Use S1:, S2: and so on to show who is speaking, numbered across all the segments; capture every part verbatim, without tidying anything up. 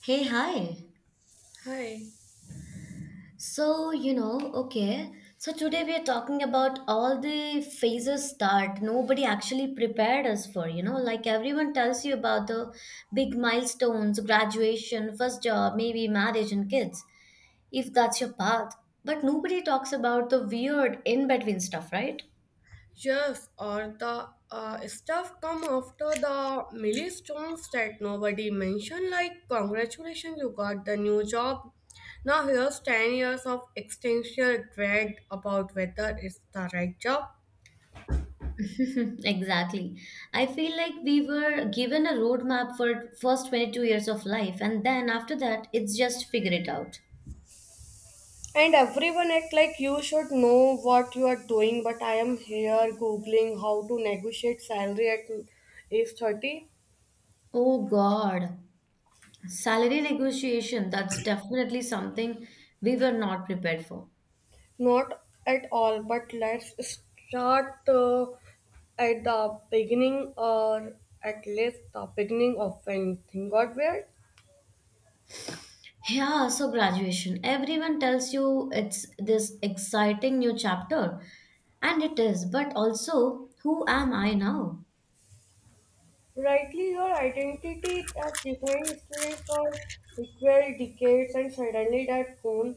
S1: Hey, hi.
S2: Hi.
S1: So, you know, okay. So today we are talking about all the phases that nobody actually prepared us for, you know, like everyone tells you about the big milestones, graduation, first job, maybe marriage and kids, if that's your path. But nobody talks about the weird in-between stuff, right?
S2: Yes, or the uh, stuff come after the milestones that nobody mentioned, like congratulations, you got the new job. Now here's 10 years of existential dread about whether it's the right job.
S1: Exactly. I feel like we were given a roadmap for first twenty-two years of life, and then after that, it's just figure it out.
S2: And everyone act like you should know what you are doing, but I am here googling how to negotiate salary at age thirty.
S1: Oh God. Salary negotiation, that's definitely something we were not prepared for.
S2: Not at all, but let's start uh, at the beginning or at least the beginning of when thing got weird.
S1: Yeah, so graduation. Everyone tells you it's this exciting new chapter, and it is, but also, who am I now?
S2: Rightly, your identity as defining student for equal decades and suddenly that gone.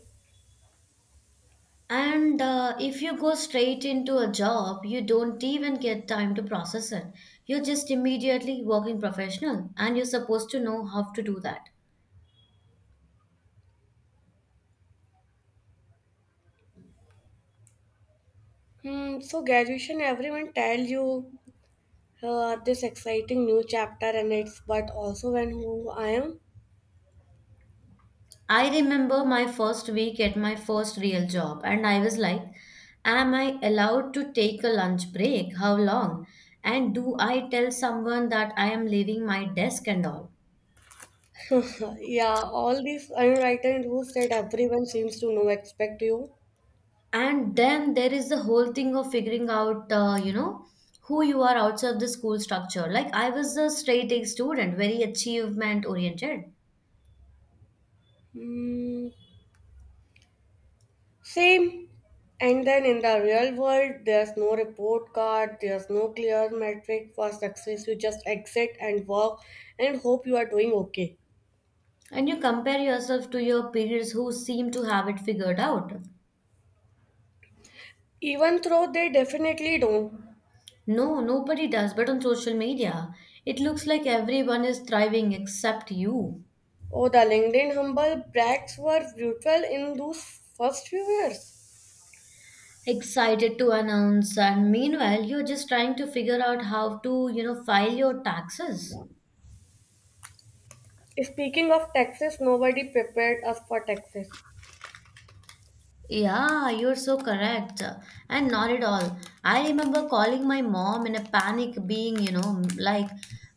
S1: And uh, If you go straight into a job, you don't even get time to process it. You're just immediately working professional, and you're supposed to know how to do that.
S2: Hmm, so graduation, everyone tell you uh, this exciting new chapter and it's but also when who I am.
S1: I remember my first week at my first real job, and I was like, am I allowed to take a lunch break? How long? And do I tell someone that I am leaving my desk and all?
S2: Yeah, all these unwritten rules that everyone seems to know expect you.
S1: And then there is the whole thing of figuring out, uh, you know, who you are outside the school structure. Like, I was a straight A student, very achievement oriented.
S2: Hmm, same. And then in the real world, there's no report card, there's no clear metric for success. You just exit and walk and hope you are doing okay.
S1: And you compare yourself to your peers who seem to have it figured out.
S2: Even though they definitely don't.
S1: No, nobody does, but on social media, it looks like everyone is thriving except you.
S2: Oh, the LinkedIn humble brags were brutal in those first few years.
S1: Excited to announce, and meanwhile, you're just trying to figure out how to, you know, file your taxes.
S2: Speaking of taxes, nobody prepared us for taxes.
S1: Yeah, you're so correct. And not at all. I remember calling my mom in a panic, being, you know, like,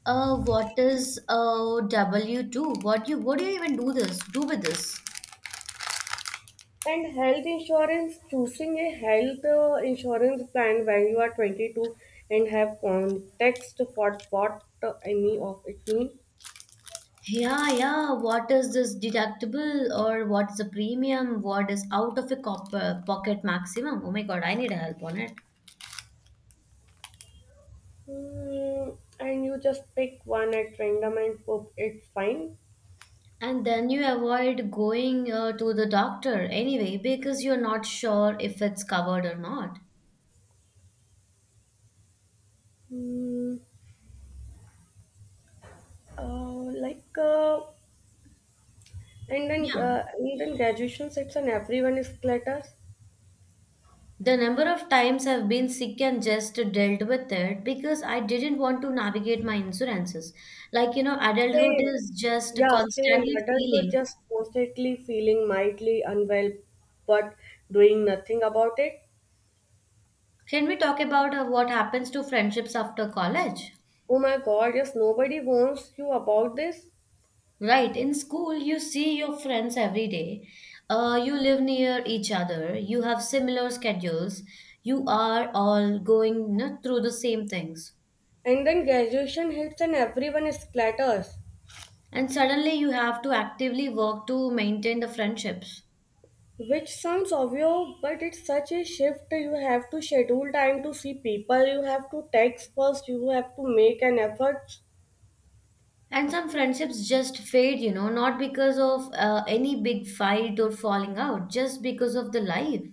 S1: uh, what is a W two? What you, what do you even do this, do with this?
S2: And health insurance, choosing a health uh, insurance plan when you are twenty-two and have context for what uh, any of it means.
S1: Yeah, yeah. What is this deductible or what's the premium? What is out of a cop- uh, pocket maximum? Oh my god, I need help on it.
S2: Hmm, and you just pick one at random and hope it's fine.
S1: And then you avoid going uh, to the doctor anyway because you're not sure if it's covered or not.
S2: Hmm, uh, like, uh, and then
S1: Yeah.
S2: uh, and then graduation sets and everyone is cluttered.
S1: The number of times I've been sick and just dealt with it because I didn't want to navigate my insurances. Like, you know, adulthood
S2: Same.
S1: is just
S2: Yeah, same.
S1: constantly
S2: Adults were
S1: feeling.
S2: just constantly feeling mildly unwell but doing nothing about it.
S1: Can we talk about uh, what happens to friendships after college?
S2: Oh my god, yes, nobody warns you about this.
S1: Right, in school, you see your friends every day. Uh, you live near each other. You have similar schedules. You are all going no, through the same things.
S2: And then graduation hits and everyone splatters.
S1: And suddenly, you have to actively work to maintain the friendships.
S2: Which sounds obvious, but it's such a shift. You have to schedule time to see people, you have to text first, you have to make an effort.
S1: And some friendships just fade, you know, not because of uh, any big fight or falling out, just because of the life.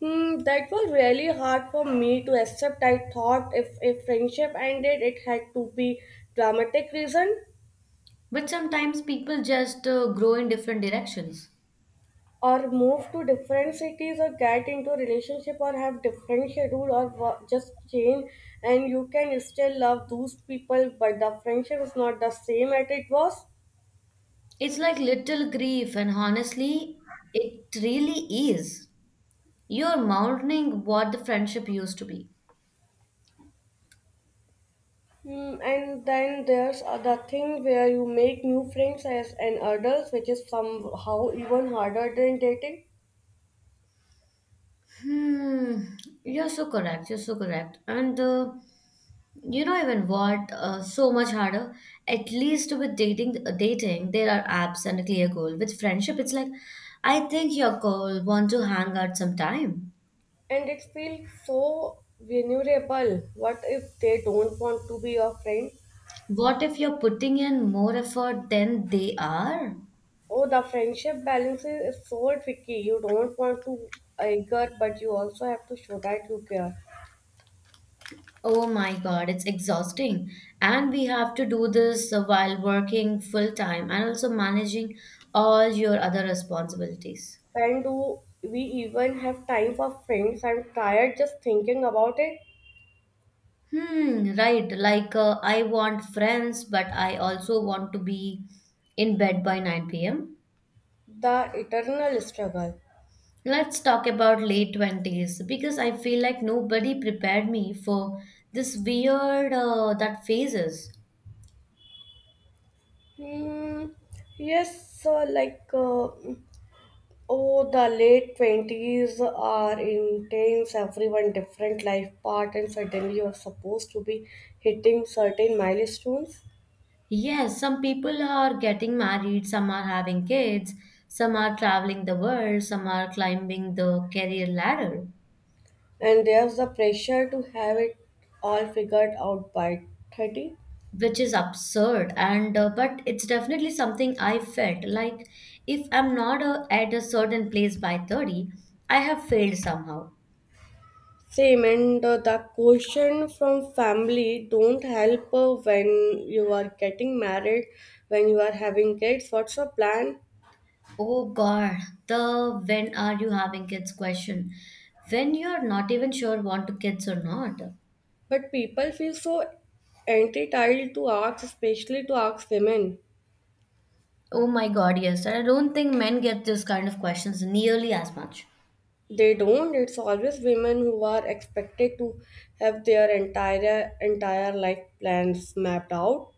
S2: Hmm, that was really hard for me to accept. I thought if a friendship ended, it had to be dramatic reason.
S1: But sometimes people just uh, grow in different directions.
S2: Or move to different cities or get into a relationship or have different schedule or wo- just change, and you can still love those people but the friendship is not the same as it was.
S1: It's like little grief, and honestly, it really is. You're mourning what the friendship used to be.
S2: Hmm, and then there's other thing where you make new friends as an adult, which is somehow even harder than dating.
S1: Hmm, you're so correct. You're so correct. And uh, you know even what? Uh, so much harder. At least with dating, uh, dating there are apps and a clear goal. With friendship, it's like, I think your goal want to hang out sometime.
S2: And it feels so vulnerable. What if they don't want to be your friend?
S1: What if you're putting in more effort than they are?
S2: Oh, the friendship balance is is so tricky. You don't want to anger, but you also have to show that you care.
S1: Oh my God, it's exhausting. And we have to do this uh, while working full time and also managing all your other responsibilities.
S2: When do we even have time for friends? I'm tired just thinking about it.
S1: Hmm, right. Like, uh, I want friends, but I also want to be in bed by nine p m.
S2: The eternal struggle.
S1: Let's talk about late twenties because I feel like nobody prepared me for this weird uh, that phases.
S2: Hmm. Yes, so like, uh, oh, the late twenties are intense, everyone different life path, and suddenly you're supposed to be hitting certain milestones.
S1: Yes, some people are getting married, some are having kids, some are traveling the world, some are climbing the career ladder,
S2: And there's the pressure to have it all figured out by thirty.
S1: which is absurd. And uh, But it's definitely something I felt like if I'm not uh, at a certain place by thirty, I have failed somehow.
S2: Same, and uh, the question from family don't help uh, when you are getting married, when you are having kids, what's your plan?
S1: Oh God, the when are you having kids question. When you're not even sure want to kids or not.
S2: But people feel so entitled to ask, especially to ask women.
S1: Oh my God, yes. I don't think men get those kind of questions nearly as much.
S2: They don't. It's always women who are expected to have their entire entire life plans mapped out.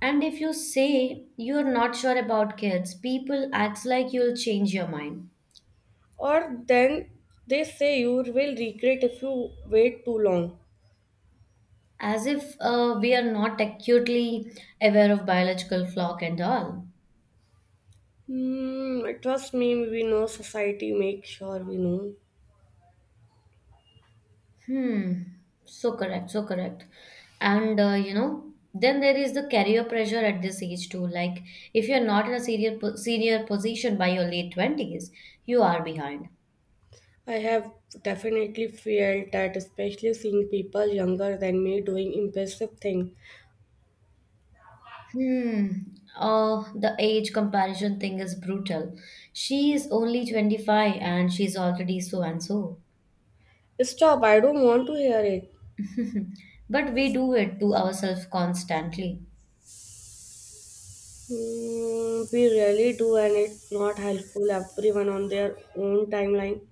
S1: And if you say you're not sure about kids, people act like you'll change your mind,
S2: Or then they say you will regret if you wait too long.
S1: as if uh, we are not acutely aware of biological clock and all.
S2: Hmm, trust me, we know society make sure we know.
S1: Hmm, so correct, so correct. And uh, you know, then there is the career pressure at this age too. Like if you're not in a senior po- senior position by your late twenties, you are behind.
S2: I have definitely felt that, especially seeing people younger than me doing impressive things.
S1: Hmm. Oh, the age comparison thing is brutal. She is only twenty-five and she's already so and so.
S2: Stop! I don't want to hear it.
S1: But we do it to ourselves constantly.
S2: Hmm, we really do, and it's not helpful. Everyone on their own timeline.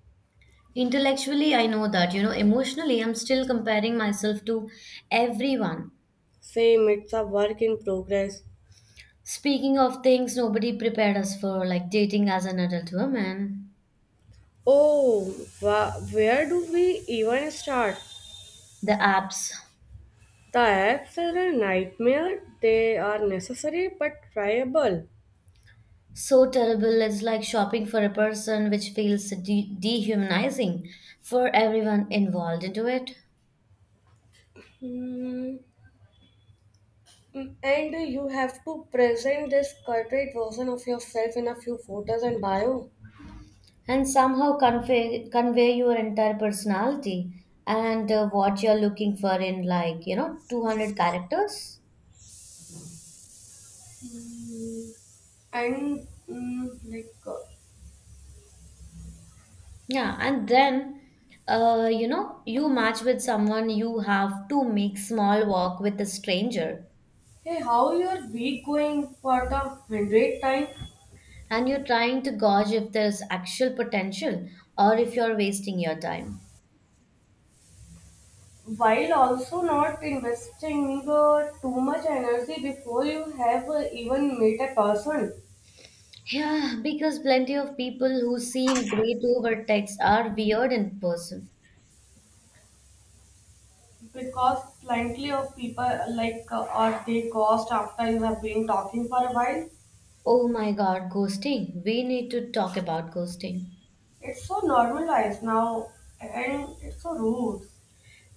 S1: Intellectually, I know that, you know, emotionally, I'm still comparing myself to everyone.
S2: Same, it's a work in progress.
S1: Speaking of things nobody prepared us for, like dating as an adult woman,
S2: Oh, wha- where do we even start?
S1: the apps.
S2: The apps are a nightmare. They are necessary but tryable.
S1: So terrible, it's like shopping for a person, which feels de- dehumanizing for everyone involved into it.
S2: Hmm. And you have to present this corporate version of yourself in a few photos and bio.
S1: And somehow convey convey your entire personality and uh, what you're looking for in, like you know two hundred characters.
S2: Hmm. And mm, like, uh,
S1: Yeah, and then, uh, you know you match with someone, you have to make small walk with a stranger
S2: hey, how your week going for the hundred time,
S1: and you're trying to gauge if there's actual potential or if you're wasting your time.
S2: while also not investing uh, too much energy before you have uh, even met a person.
S1: Yeah, because plenty of people who seem great over text are weird in person.
S2: Because plenty of people like, uh, or they ghost after you have been talking for a while.
S1: Oh my god, ghosting, we need to talk about ghosting.
S2: It's so normalized now, and it's so rude.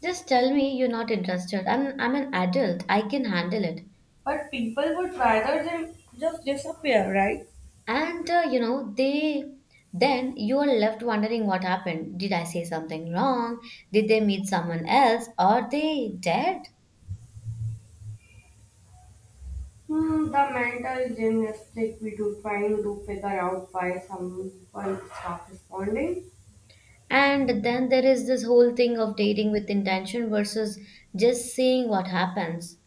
S1: Just tell me you're not interested. I'm I'm an adult. I can handle it.
S2: But people would rather than just disappear, right?
S1: And uh, you know, they then you are left wondering what happened. Did I say something wrong? Did they meet someone else? Are they dead?
S2: Hmm, the mental gymnastics we do trying to figure out why someone stop responding.
S1: And then there is this whole thing of dating with intention versus just seeing what happens.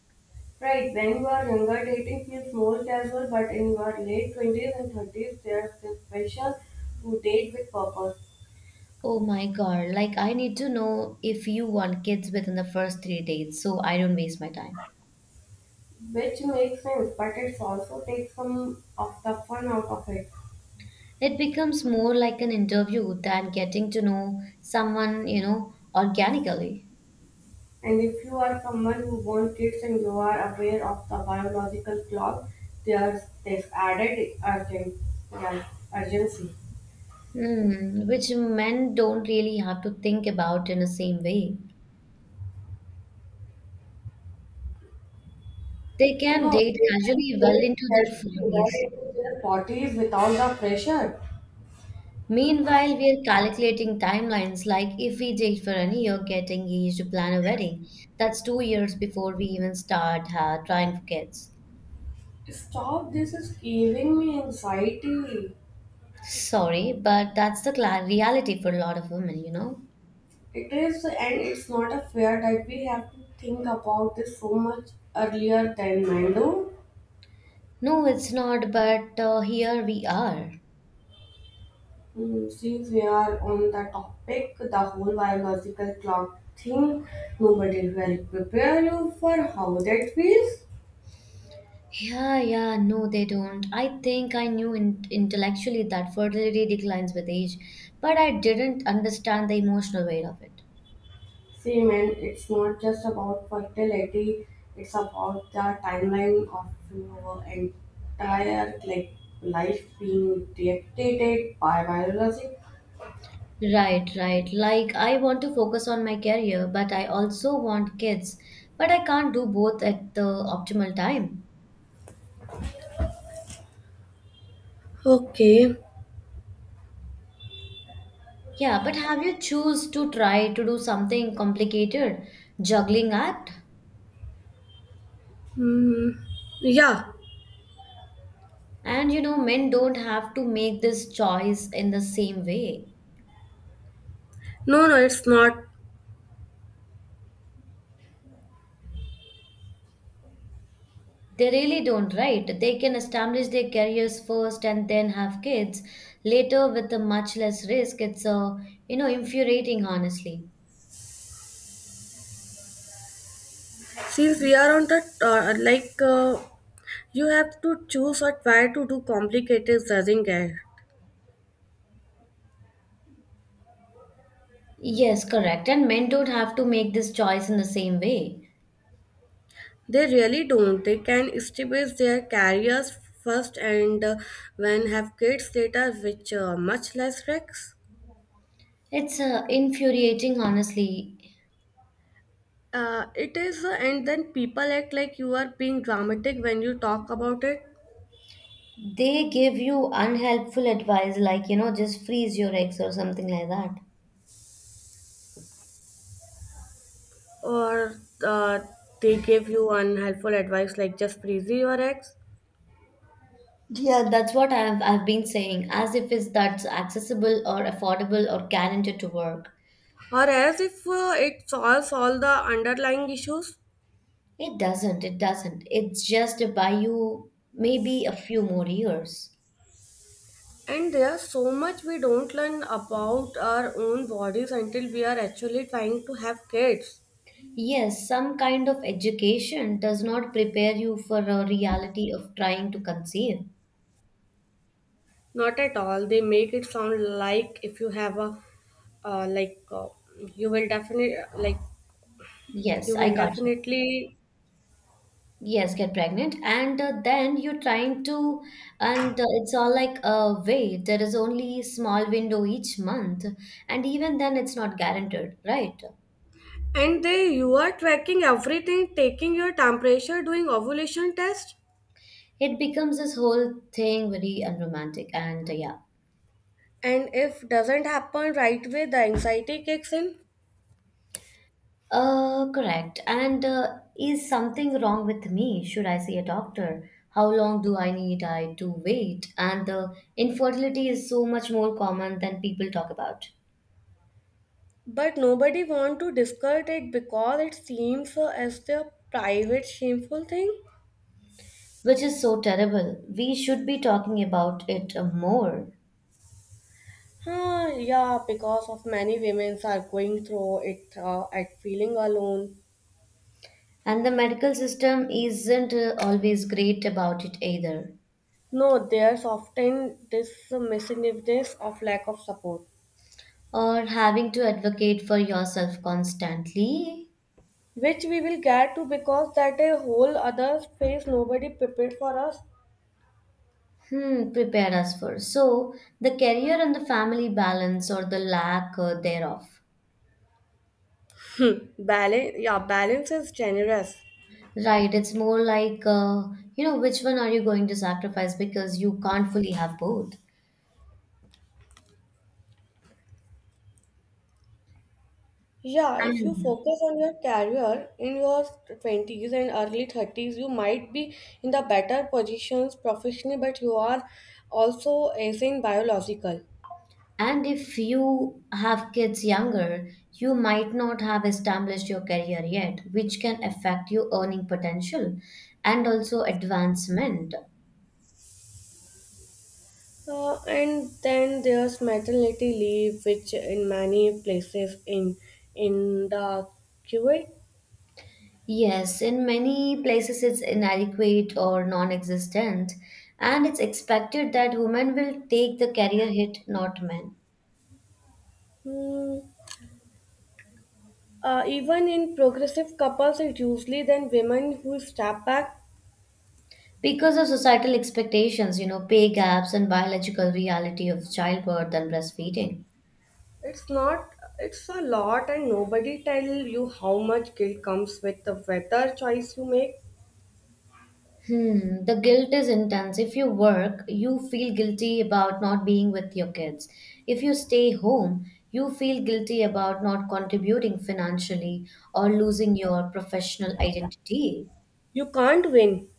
S2: Right, when you are younger dating feels more casual, but in your late twenties and thirties there's this pressure to date with purpose.
S1: Oh my god, like I need to know if you want kids within the first three dates so I don't waste my time.
S2: Which makes sense, but it's also takes some of the fun out of it.
S1: It becomes more like an interview than getting to know someone, you know, organically.
S2: And if you are someone who wants kids and you are aware of the biological clock, there's this added urgent, yeah, urgency.
S1: Hmm, which men don't really have to think about in the same way. They can
S2: No, they
S1: date casually
S2: can
S1: well
S2: stay
S1: into their
S2: carefully
S1: forties.
S2: right into their bodies without the pressure.
S1: Meanwhile, we are calculating timelines like if we date for a year, get engaged, plan a wedding. That's two years before we even start uh, trying for kids.
S2: Stop, this is giving me anxiety.
S1: Sorry, but that's the cla reality for a lot of women, you know?
S2: It is, and it's not a fair that we have to think about this so much earlier than men do.
S1: No, it's not, but uh, here we are.
S2: Mm, since we are on the topic, the whole biological clock thing, nobody will prepare you for how that feels.
S1: Yeah, yeah, no, they don't. I think I knew in- intellectually that fertility declines with age, but I didn't understand the emotional weight of it.
S2: See, man, it's not just about fertility, it's about the timeline of your entire like life being dictated by biology.
S1: Right, right. Like, I want to focus on my career, but I also want kids, but I can't do both at the optimal time.
S2: Okay.
S1: Yeah, but have you choose to try to do something complicated, juggling act?
S2: Mm, yeah.
S1: And you know, men don't have to make this choice in the same way.
S2: No, no, it's not.
S1: They really don't, right? They can establish their careers first and then have kids later with a much less risk. It's a, you know, infuriating, honestly.
S2: Since we are on the uh, like uh, you have to choose or try to do complicated judging get.
S1: Yes, correct. And men don't have to make this choice in the same way.
S2: They really don't. They can establish their careers first and uh, when have kids later, which uh, much less risks.
S1: It's uh, infuriating, honestly.
S2: Uh, it is, uh, and then people act like you are being dramatic when you talk about it,
S1: They give you unhelpful advice, like, you know, just freeze your eggs or something like that.
S2: or uh, they give you unhelpful advice like just freeze your ex,
S1: Yeah, that's what I've, I've been saying, as if it's, that's accessible or affordable or guaranteed to work.
S2: or as if uh, it solves all the underlying issues.
S1: It doesn't, it doesn't. It's just to buy you maybe a few more years.
S2: And there's so much we don't learn about our own bodies until we are actually trying to have kids.
S1: Yes, some kind of education does not prepare you for a reality of trying to conceive.
S2: Not at all. They make it sound like if you have a, uh, like uh, you will definitely, like
S1: Yes,
S2: you
S1: I
S2: will
S1: got you.
S2: definitely.
S1: Yes, get pregnant, and uh, then you're trying to, and uh, it's all like, uh, wait, there is only small window each month, and even then, it's not guaranteed, right?
S2: And they, you are tracking everything, taking your temperature, doing ovulation test.
S1: It becomes this whole thing very unromantic, and uh, yeah.
S2: And if doesn't happen right away, the anxiety kicks in.
S1: Uh, correct. And uh, Is something wrong with me? Should I see a doctor? How long do I need I to wait? And the infertility is so much more common than people talk about,
S2: But nobody want to discuss it because it seems uh, as the private shameful thing.
S1: which is so terrible. We should be talking about it uh, more.
S2: Huh, yeah, because of many women are going through it uh, at feeling alone.
S1: And the medical system isn't uh, always great about it either,
S2: No, there's often this misinformation of lack of support,
S1: or having to advocate for yourself constantly.
S2: which we will get to because that a whole other space nobody prepared for us.
S1: Hmm, prepared us for. So, the career and the family balance or the lack uh, thereof.
S2: Hmm. Balance, yeah, balance is generous.
S1: Right, it's more like, uh, you know, which one are you going to sacrifice because you can't fully have both.
S2: Yeah, if you
S1: And
S2: focus on your career in your twenties and early thirties, you might be in the better positions professionally, but you are also as in biological.
S1: and if you have kids younger, you might not have established your career yet, which can affect your earning potential and also advancement.
S2: Uh, and then there's maternity leave, which in many places in in the Kuwait,
S1: Yes, in many places it's inadequate or non existent, and it's expected that women will take the career hit, not men.
S2: hmm, uh, even in progressive couples, it's usually then women who step back.
S1: Because of societal expectations, you know, pay gaps and biological reality of childbirth and breastfeeding.
S2: It's not. It's a lot, and nobody tell you how much guilt comes with the whether choice you make.
S1: Hmm, the guilt is intense. If you work, you feel guilty about not being with your kids. If you stay home, you feel guilty about not contributing financially or losing your professional identity.
S2: You can't win.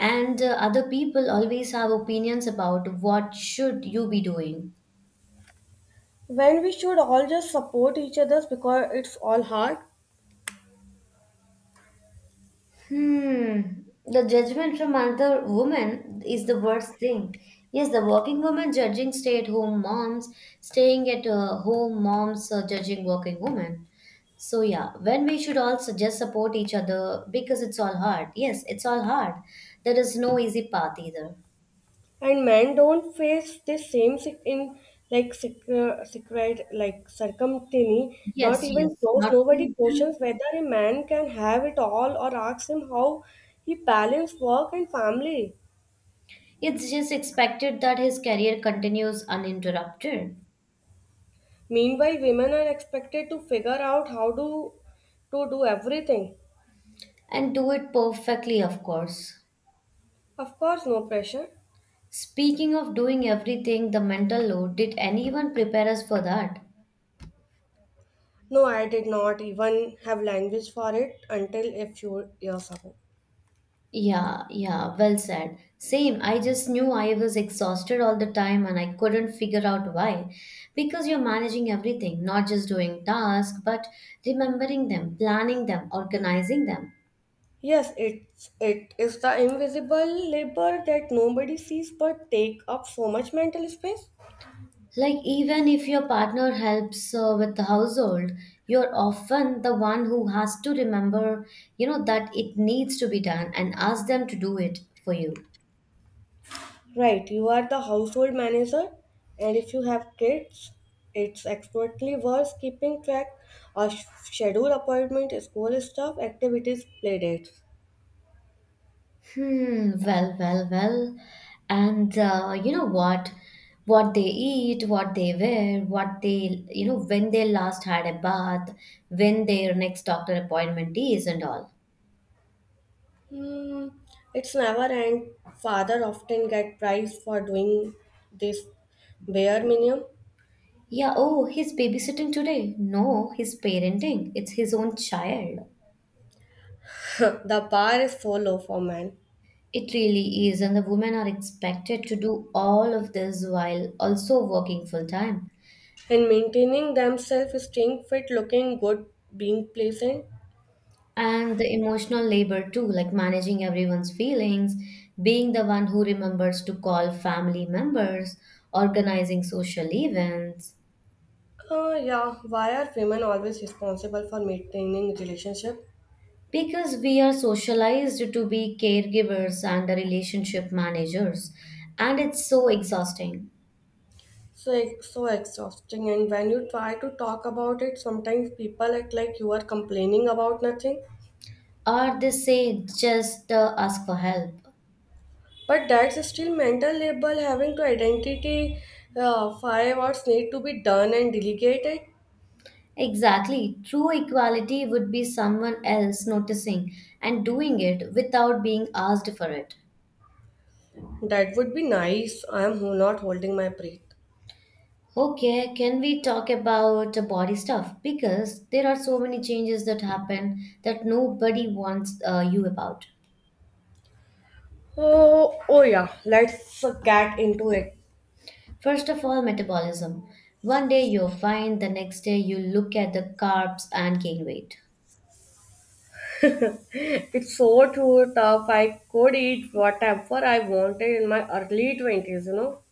S1: And uh, Other people always have opinions about what should you be doing.
S2: When we should all just support each other because it's all hard.
S1: Hmm. The judgment from other women is the worst thing. Yes, the working women judging stay-at-home moms, staying at uh, home moms uh, judging working women. So yeah, when we should also just support each other because it's all hard. Yes, it's all hard. There is no easy path either.
S2: And men don't face the same sic- in, like, secret, secret like circumtiny, not
S1: Yes,
S2: even
S1: yes.
S2: close.
S1: Not
S2: Nobody
S1: even.
S2: questions whether a man can have it all or asks him how he balance work and family.
S1: It's just expected that his career continues uninterrupted.
S2: Meanwhile women are expected to figure out how to to do everything.
S1: And do it perfectly, of course.
S2: Of course no pressure.
S1: Speaking of doing everything, the mental load, did anyone prepare us for that?
S2: No, I did not even have language for it until a few years ago.
S1: Yeah, yeah, well said. Same, I just knew I was exhausted all the time and I couldn't figure out why. Because you're managing everything, not just doing tasks, but remembering them, planning them, organizing them.
S2: Yes, it's it is the invisible labor that nobody sees but take up so much mental space.
S1: Like, even if your partner helps uh, with the household, you're often the one who has to remember, you know, that it needs to be done and ask them to do it for you.
S2: Right, you are the household manager, and if you have kids, it's expertly worth keeping track of schedule appointment, school stuff, activities, playdates.
S1: Hmm, well, well, well. And uh, you know what? What they eat, what they wear, what they, you know, when they last had a bath, when their next doctor appointment is, and all.
S2: Hmm, it's never end. Father often get prize for doing this bare minimum.
S1: Yeah, oh, he's babysitting today. No, he's parenting. It's his own child.
S2: The bar is so low for men.
S1: It really is, and the women are expected to do all of this while also working full time.
S2: And maintaining themselves, staying fit, looking good, being pleasant.
S1: And the emotional labor too, like managing everyone's feelings, being the one who remembers to call family members, organizing social events.
S2: Uh, yeah, why are women always responsible for maintaining relationship?
S1: Because we are socialized to be caregivers and the relationship managers, and it's so exhausting.
S2: So ex- so exhausting, and when you try to talk about it, sometimes people act like you are complaining about nothing.
S1: Or they say just uh, ask for help.
S2: But that's still mental labor having to identity uh, five hours need to be done and delegated.
S1: Exactly. True equality would be someone else noticing and doing it without being asked for it.
S2: That would be nice. I am ho- not holding my breath.
S1: Okay, can we talk about the body stuff? Because there are so many changes that happen that nobody wants uh, you about.
S2: Oh, oh yeah, let's uh, get into it.
S1: First of all, metabolism. One day you're fine, the next day you look at the carbs and gain weight.
S2: It's so true, tough. I could eat whatever I wanted in my early twenties, you know.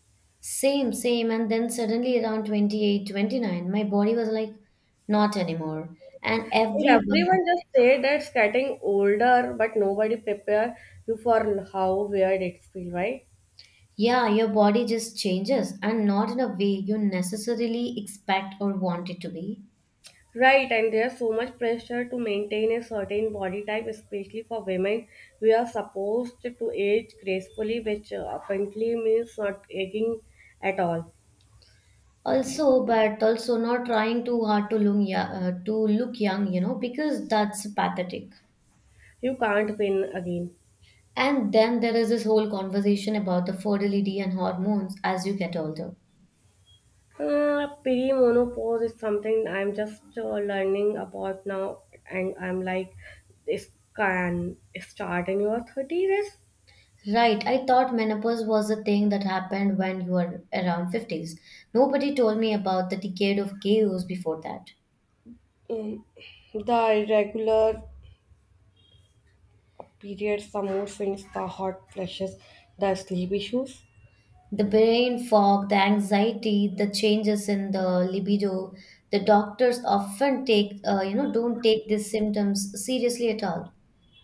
S1: Same, same. And then suddenly around twenty eight, twenty nine, my body was like, not anymore. And
S2: And
S1: everyone.
S2: everyone just said that's getting older, but nobody prepare you for how weird it feels, right?
S1: Yeah, your body just changes and not in a way you necessarily expect or want it to be.
S2: Right, and there's so much pressure to maintain a certain body type, especially for women. We are supposed to age gracefully, which uh, apparently means not aging at all.
S1: Also, but also not trying too hard to look young, uh, to look young, you know, because that's pathetic.
S2: You can't win again.
S1: And then there is this whole conversation about the fertility and hormones as you get older.
S2: Uh, perimenopause is something I'm just uh, learning about now, and I'm like, this can start in your thirties. It's,
S1: Right, I thought menopause was a thing that happened when you were around fifties. Nobody told me about the decade of chaos before that.
S2: mm, the irregular periods, the mood swings, the hot flashes, the sleep issues.
S1: The brain fog, the anxiety, the changes in the libido, the doctors often take, uh, you know, don't take these symptoms seriously at all.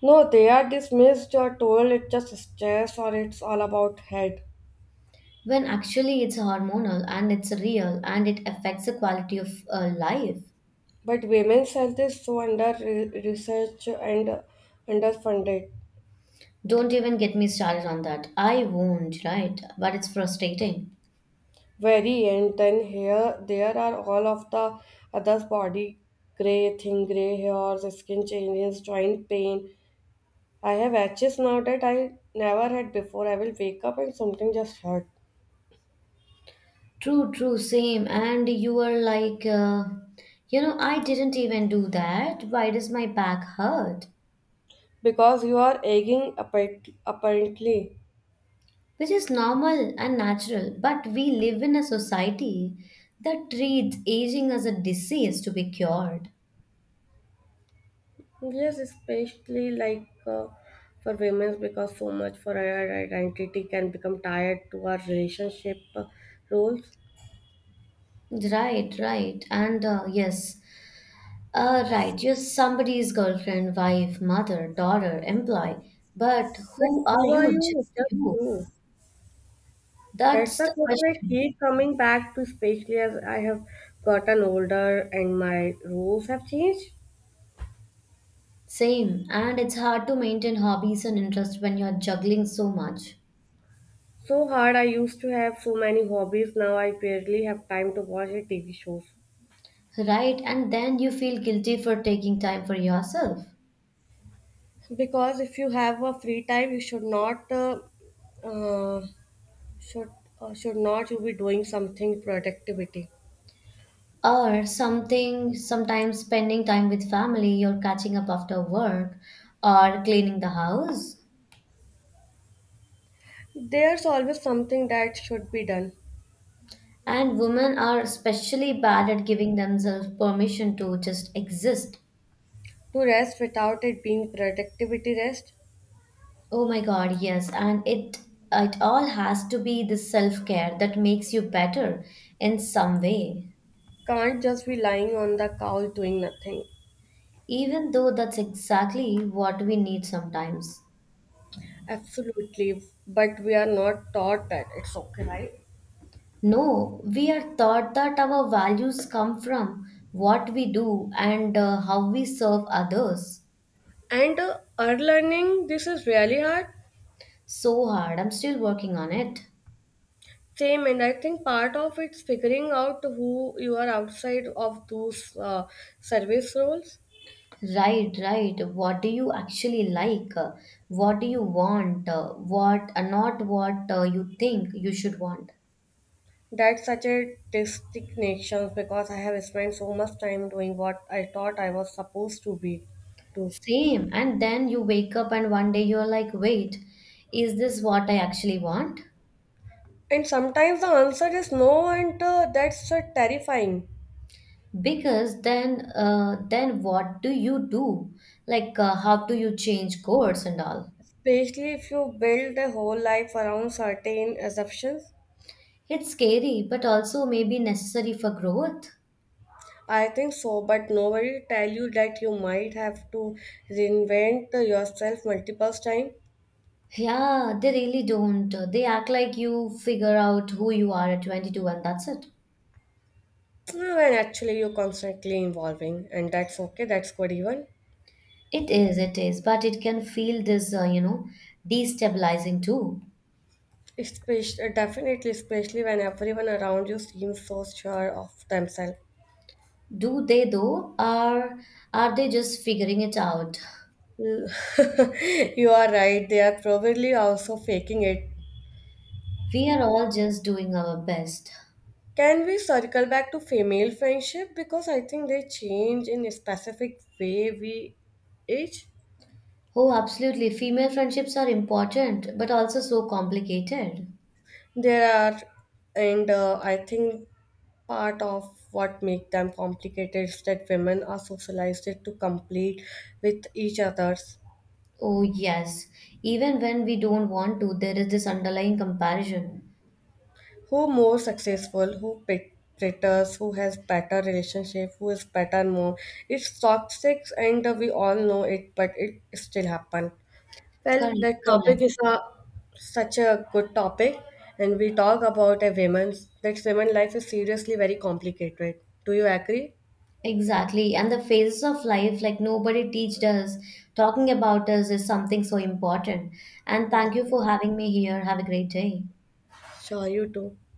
S2: No, they are dismissed or told it's just stress or it's all about head.
S1: When actually it's hormonal and it's real and it affects the quality of uh, life.
S2: But women's health is so under re- research and underfunded.
S1: Don't even get me started on that. I won't, right? But it's frustrating.
S2: Very end then here there are all of the others body, gray thin gray hairs, skin changes, joint pain. I have edges now that I never had before. I will wake up and something just hurt,
S1: True, true, same. And you are like, uh, you know, I didn't even do that. Why does my back hurt?
S2: because you are aching apparent- apparently.
S1: Which is normal and natural. But we live in a society that treats aging as a disease to be cured.
S2: Yes, especially like, uh, for women, because so much for our identity can become tied to our relationship uh, roles.
S1: Right, right. And uh, yes, uh, right. You're somebody's girlfriend, wife, mother, daughter, employee. But
S2: But
S1: who are
S2: who are
S1: you? Just
S2: you, just
S1: you.
S2: who? That's
S1: That's
S2: the
S1: the
S2: question I
S1: question.
S2: keep coming back to, especially as I have gotten older and my rules have changed.
S1: Same. And it's hard to maintain hobbies and interests when you're juggling so much.
S2: So hard, I used to have so many hobbies, now I barely have time to watch the T V shows.
S1: Right. And then you feel guilty for taking time for yourself.
S2: Because if you have a free time, you should not, uh, uh, should, uh, should not you be doing something productivity.
S1: Or something, sometimes spending time with family, you're catching up after work or cleaning the house.
S2: There's always something that should be done.
S1: And women are especially bad at giving themselves permission to just exist.
S2: To rest without it being productivity rest.
S1: Oh my god, yes, and it it all has to be the self care that makes you better in some way.
S2: Can't just be lying on the couch doing nothing.
S1: Even though that's exactly what we need sometimes.
S2: Absolutely, but we are not taught that. It's okay, right?
S1: No, we are taught that our values come from what we do and uh, how we serve others.
S2: And uh, our learning, this is really hard.
S1: So hard, I'm still working on it.
S2: Same, and I think part of it's figuring out who you are outside of those uh, service roles.
S1: Right, right. What do you actually like? Uh, What do you want? Uh, What, uh, not what uh, you think you should want.
S2: That's such a distinction because I have spent so much time doing what I thought I was supposed to be to.
S1: Same. And then you wake up and one day you're like, wait, is this what I actually want?
S2: And sometimes the answer is no, and uh, that's uh, terrifying,
S1: Because then, uh, then what do you do? Like, uh, how do you change course and all?
S2: especially if you build a whole life around certain assumptions.
S1: It's scary, but also maybe necessary for growth.
S2: I think so, but nobody tell you that you might have to reinvent yourself multiple times,
S1: Yeah, they really don't. They act like you figure out who you are at twenty-two and that's it.
S2: when actually you're constantly evolving, and that's okay. That's good even.
S1: It is, it is, but it can feel this, uh, you know, destabilizing too.
S2: Especially, definitely, especially when everyone around you seems so sure of themselves.
S1: Do they though, or are they just figuring it out?
S2: L- you are right. They are probably also faking it.
S1: We are all just doing our best.
S2: Can we circle back to female friendship because I think they change in a specific way we age?
S1: Oh, absolutely. Female friendships are important, but also so complicated.
S2: There are, and uh, I think part of what make them complicated is that women are socialized to compete with each others.
S1: Oh, yes. Even when we don't want to, there is this underlying comparison.
S2: Who more successful? Who pet- pretters? Who has better relationship? Who is better mom? It's toxic, and uh, we all know it, but it still happen. Well,
S1: Correct,
S2: that
S1: correct.
S2: topic is a such a good topic, and we talk about a women's that women life is seriously very complicated. Do you agree?
S1: Exactly. And the phases of life, like nobody teached us, talking about us is something so important. And
S2: Yeah.
S1: thank you for having me here. Have a great day.
S2: s y o u t o